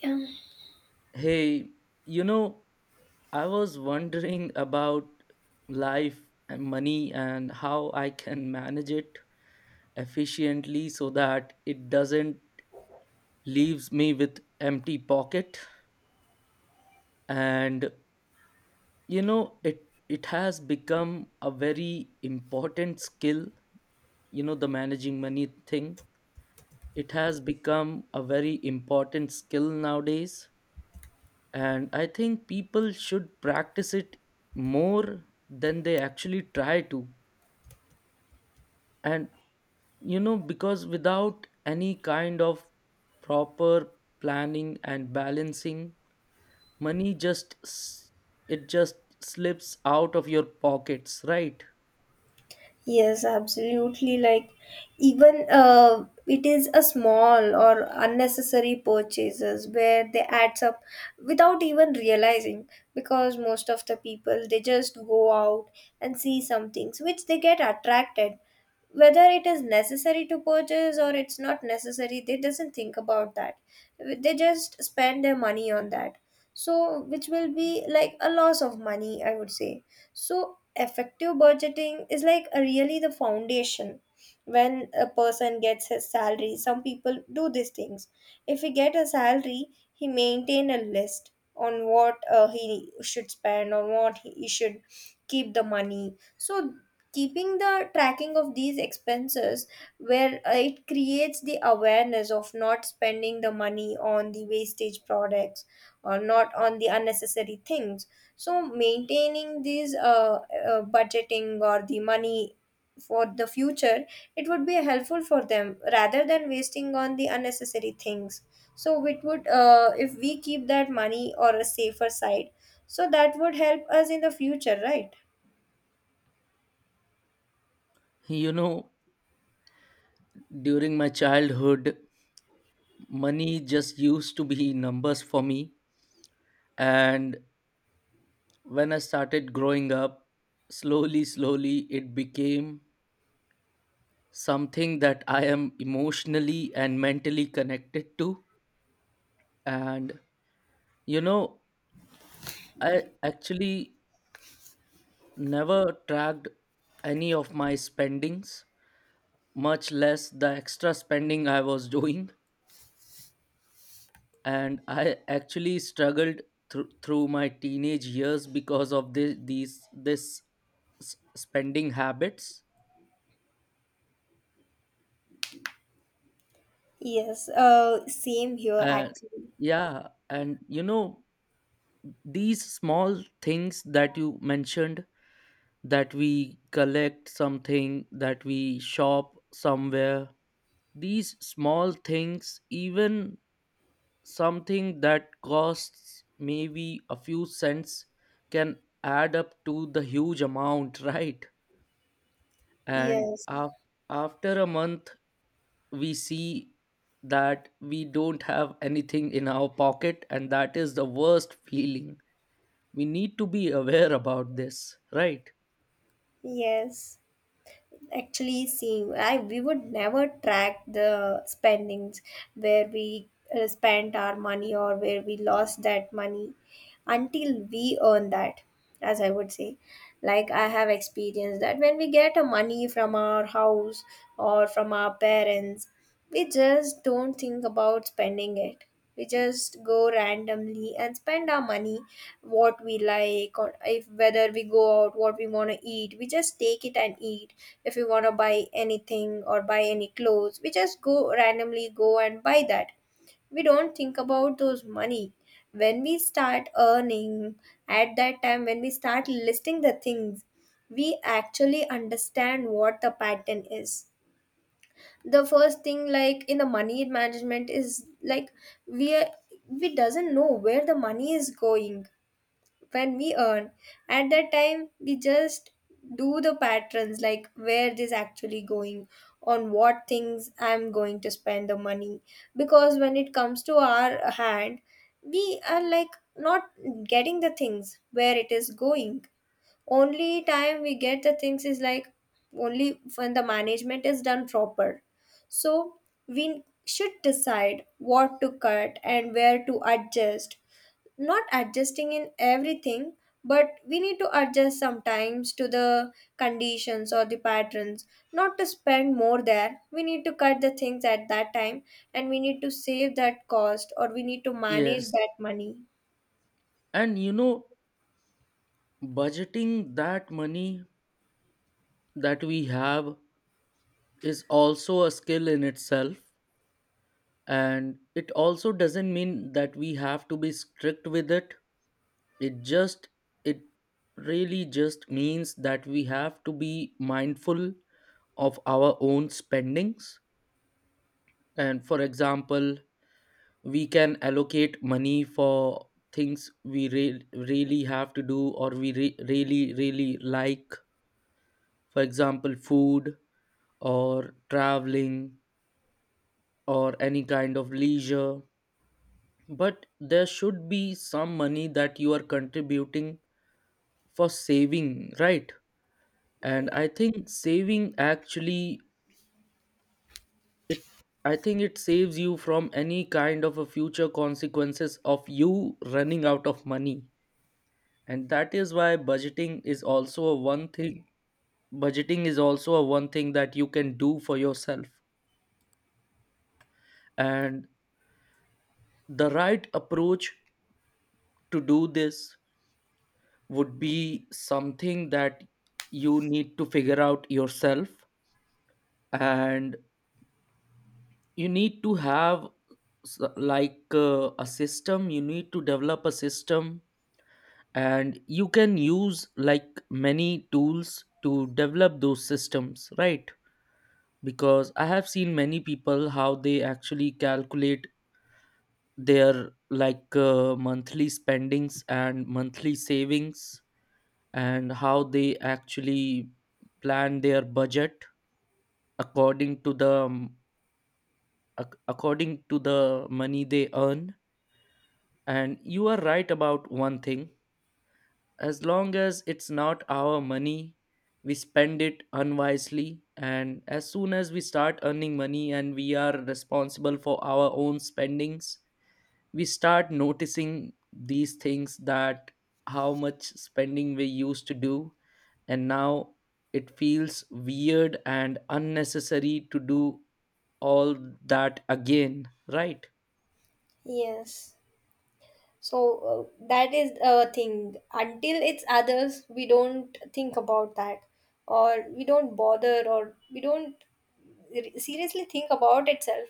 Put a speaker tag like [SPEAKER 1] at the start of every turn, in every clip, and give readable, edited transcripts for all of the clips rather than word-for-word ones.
[SPEAKER 1] Yeah.
[SPEAKER 2] Hey, you know, I was wondering about life and money and how I can manage it efficiently so that it doesn't leaves me with empty pocket. And it has become a very important skill, the managing money thing. It has become a very important skill nowadays, and I think people should practice it more than they actually try to, and because without any kind of proper planning and balancing, money just it just slips out of your pockets, right?
[SPEAKER 1] Yes, absolutely. Like, even it is a small or unnecessary purchases where they adds up without even realizing, because most of the people they just go out and see some things which they get attracted. Whether it is necessary to purchase or it's not necessary, they doesn't think about that. They just spend their money on that. So, which will be like a loss of money, I would say. So, effective budgeting is like a really the foundation. When a person gets his salary, some people do these things. If he get a salary, he maintain a list on what he should spend, on what he should keep the money. So, keeping the tracking of these expenses, where it creates the awareness of not spending the money on the wastage products or not on the unnecessary things. So maintaining these budgeting or the money for the future, it would be helpful for them rather than wasting on the unnecessary things. So it would if we keep that money or a safer side, so that would help us in the future, right?
[SPEAKER 2] You know during my childhood, money just used to be numbers for me. And when I started growing up, slowly slowly it became something that I am emotionally and mentally connected to. And, you know, I actually never tracked any of my spendings, much less the extra spending I was doing. And I actually struggled through my teenage years because of this these this s- spending habits.
[SPEAKER 1] Yes. Same here
[SPEAKER 2] And
[SPEAKER 1] actually.
[SPEAKER 2] yeah, and these small things that you mentioned, that we collect something, that we shop somewhere. These small things, even something that costs maybe a few cents, can add up to the huge amount, right? And
[SPEAKER 1] Yes.
[SPEAKER 2] after a month, we see that we don't have anything in our pocket, and that is the worst feeling. We need to be aware about this, right?
[SPEAKER 1] Yes. Actually see, I we would never track the spendings where we spent our money or where we lost that money until we earn that, as I would say. Like I have experienced that when we get a money from our house or from our parents, we just don't think about spending it. We just go randomly and spend our money what we like, or if whether we go out what we want to eat, we just take it and eat. If we want to buy anything or buy any clothes, we just go randomly go and buy that. We don't think about those money. When we start earning, at that time when we start listing the things, we actually understand what the pattern is. The first thing like in the money management is like, we are, we doesn't know where the money is going. When we earn, at that time we just do the patterns, like where this actually going, on what things I'm going to spend the money. Because when it comes to our hand, we are like not getting the things where it is going. Only time we get the things is like only when the management is done proper. So we should decide what to cut and where to adjust, not adjusting in everything, but we need to adjust sometimes to the conditions or the patterns. Not to spend more, there we need to cut the things at that time, and we need to save that cost or we need to manage
[SPEAKER 2] Yes.
[SPEAKER 1] that money.
[SPEAKER 2] And budgeting that money that we have is also a skill in itself. And it also doesn't mean that we have to be strict with it it just it really just means that we have to be mindful of our own spendings. And for example, we can allocate money for things we really have to do, or we really really like. For example, food or traveling or any kind of leisure. But there should be some money that you are contributing for saving, right? And I think saving actually, it I think it saves you from any kind of a future consequences of you running out of money. And that is why budgeting is also a one thing that you can do for yourself. And the right approach to do this would be something that you need to figure out yourself. And you need to have like a system. You need to develop a system, and you can use like many tools to develop those systems, right? Because I have seen many people how they actually calculate their, like, monthly spendings and monthly savings, and how they actually plan their budget according to the um, according to the money they earn. And you are right about one thing: as long as it's not our money, we spend it unwisely. And as soon as we start earning money and we are responsible for our own spendings, we start noticing these things, that how much spending we used to do. And now it feels weird and unnecessary to do all that again, right?
[SPEAKER 1] Yes. So that is a thing. Until it's others, we don't think about that, or we don't bother, or we don't seriously think about itself.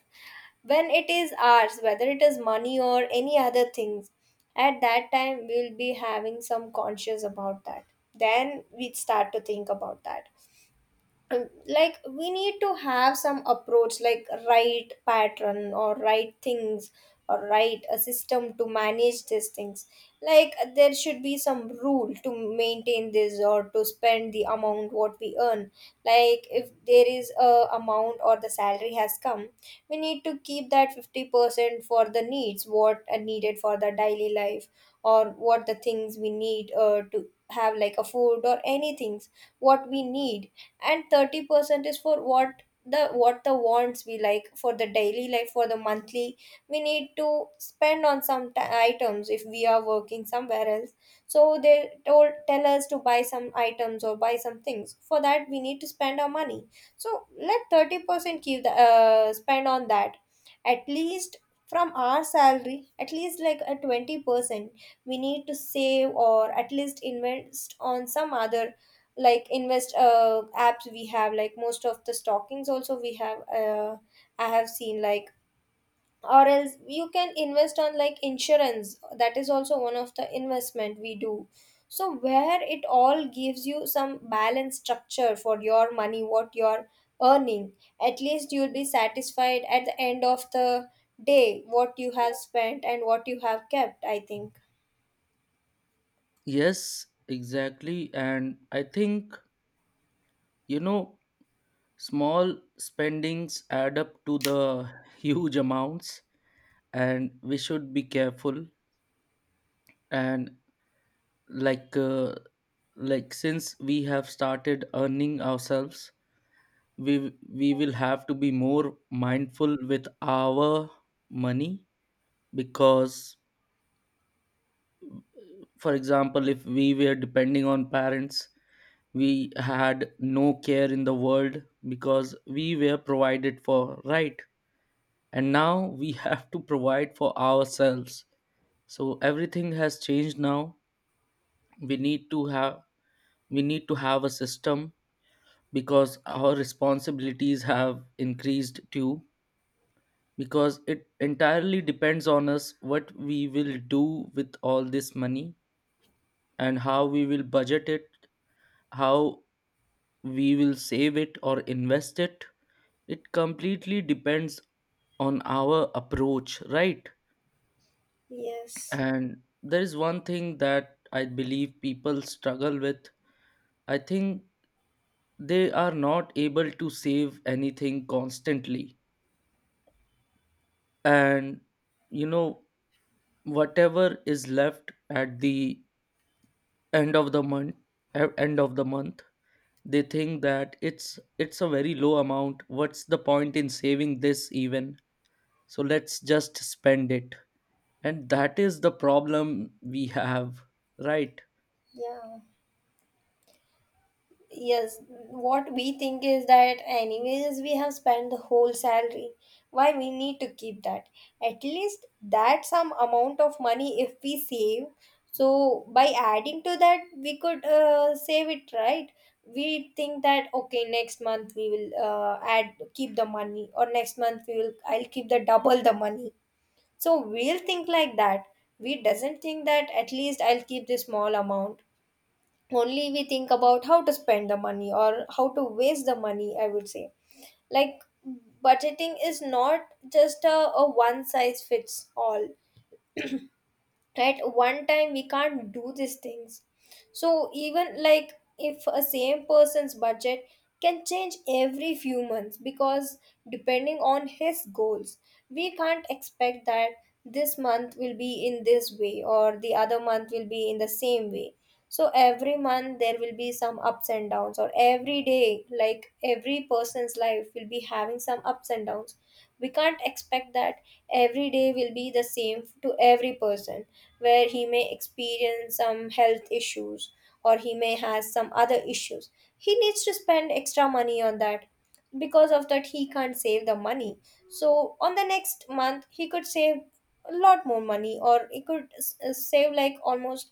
[SPEAKER 1] When it is ours, whether it is money or any other things, at that time we'll be having some conscious about that. Then we start to think about that. Like, we need to have some approach, like right pattern or right things or right a system to manage these things. Like there should be some rule to maintain this, or to spend the amount what we earn. Like if there is a amount or the salary has come, we need to keep that 50% for the needs what are needed for the daily life, or what the things we need to have, like a food or anything what we need. And 30% is for what the wants we like, for the daily life, for the monthly. We need to spend on some items if we are working somewhere else. So they told tell us to buy some items or buy some things, for that we need to spend our money. So let 30% keep the spend on that. At least from our salary, at least like a 20% we need to save, or at least invest on some other, like invest apps we have, like most of the stockings also we have I have seen like. Or else you can invest on like insurance, that is also one of the investment we do. So where it all gives you some balanced structure for your money what you're earning. At least you'll be satisfied at the end of the day what you have spent and what you have kept, I think.
[SPEAKER 2] Yes, exactly. And I think, you know, small spendings add up to the huge amounts, and we should be careful. And like, like, since we have started earning ourselves, we will have to be more mindful with our money. Because, for example, if we were depending on parents, we had no care in the world because we were provided for, right? And now we have to provide for ourselves. So everything has changed now. We need to have we need to have a system, because our responsibilities have increased too. Because it entirely depends on us what we will do with all this money, and how we will budget it, how we will save it or invest it. It completely depends on our approach, right?
[SPEAKER 1] Yes.
[SPEAKER 2] And there is one thing that I believe people struggle with. I think they are not able to save anything constantly. And you know whatever is left at the end of the month e, end of the month they think that it's a very low amount. What's the point in saving this even? So let's just spend it. And that is the problem we have, right?
[SPEAKER 1] Yeah. Yes, what we think is that anyways we have spent the whole salary. Why we need to keep that? At least that some amount of money if we save, so by adding to that we could save it, right. We think that okay, next month we will add keep the money, or next month we will I'll keep the double the money. So we'll think like that. We doesn't think that at least I'll keep this small amount. Only we think about how to spend the money or how to waste the money, I would say. Like, budgeting is not just a one size fits all. At one time we can't do these things. So even like if a same person's budget can change every few months, because depending on his goals, we can't expect that this month will be in this way or the other month will be in the same way. So every month there will be some ups and downs, or every day like every person's life will be having some ups and downs. We can't expect that every day will be the same to every person, where he may experience some health issues or he may has some other issues. He needs to spend extra money on that. Because of that, he can't save the money. So on the next month, he could save a lot more money, or it could save like almost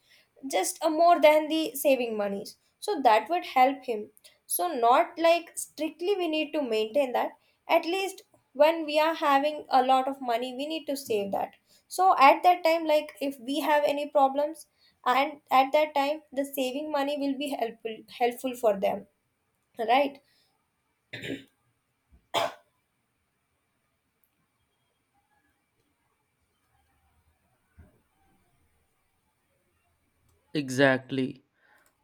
[SPEAKER 1] just a more than the saving monies, so that would help him. So not like strictly we need to maintain that. At least when we are having a lot of money, we need to save that, so at that time like if we have any problems, and at that time the saving money will be helpful for them, right?
[SPEAKER 2] Exactly,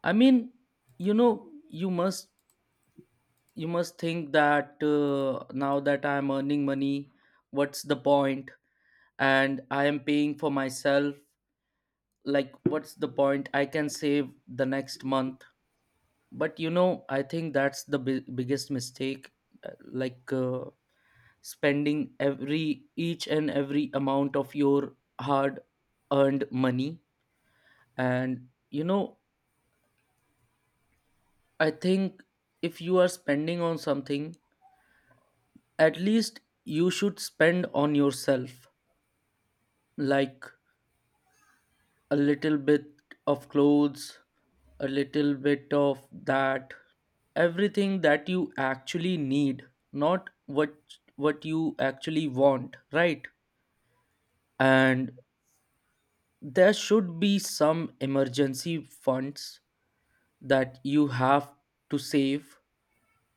[SPEAKER 2] I mean, you know you must you must think that now that I am earning money, what's the point? And I am paying for myself, like, what's the point, I can save the next month. But I think that's the biggest mistake. Like, spending every each and every amount of your hard earned money. And I think if you are spending on something, at least you should spend on yourself. Like, a little bit of clothes, a little bit of that, everything that you actually need, not what you actually want, right? And there should be some emergency funds that you have to save,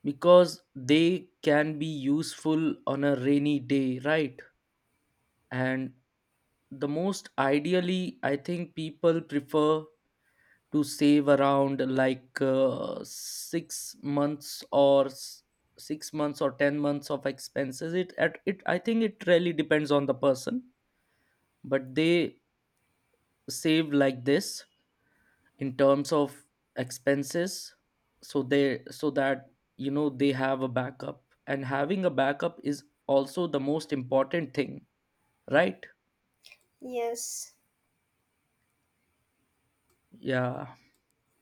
[SPEAKER 2] because they can be useful on a rainy day, right? And the most ideally, I think people prefer to save around, like, 6 months or 10 months of expenses. It at it, I think it really depends on the person. But they save like this in terms of expenses, so that they have a backup. And having a backup is also the most important thing, right?
[SPEAKER 1] Yes.
[SPEAKER 2] Yeah.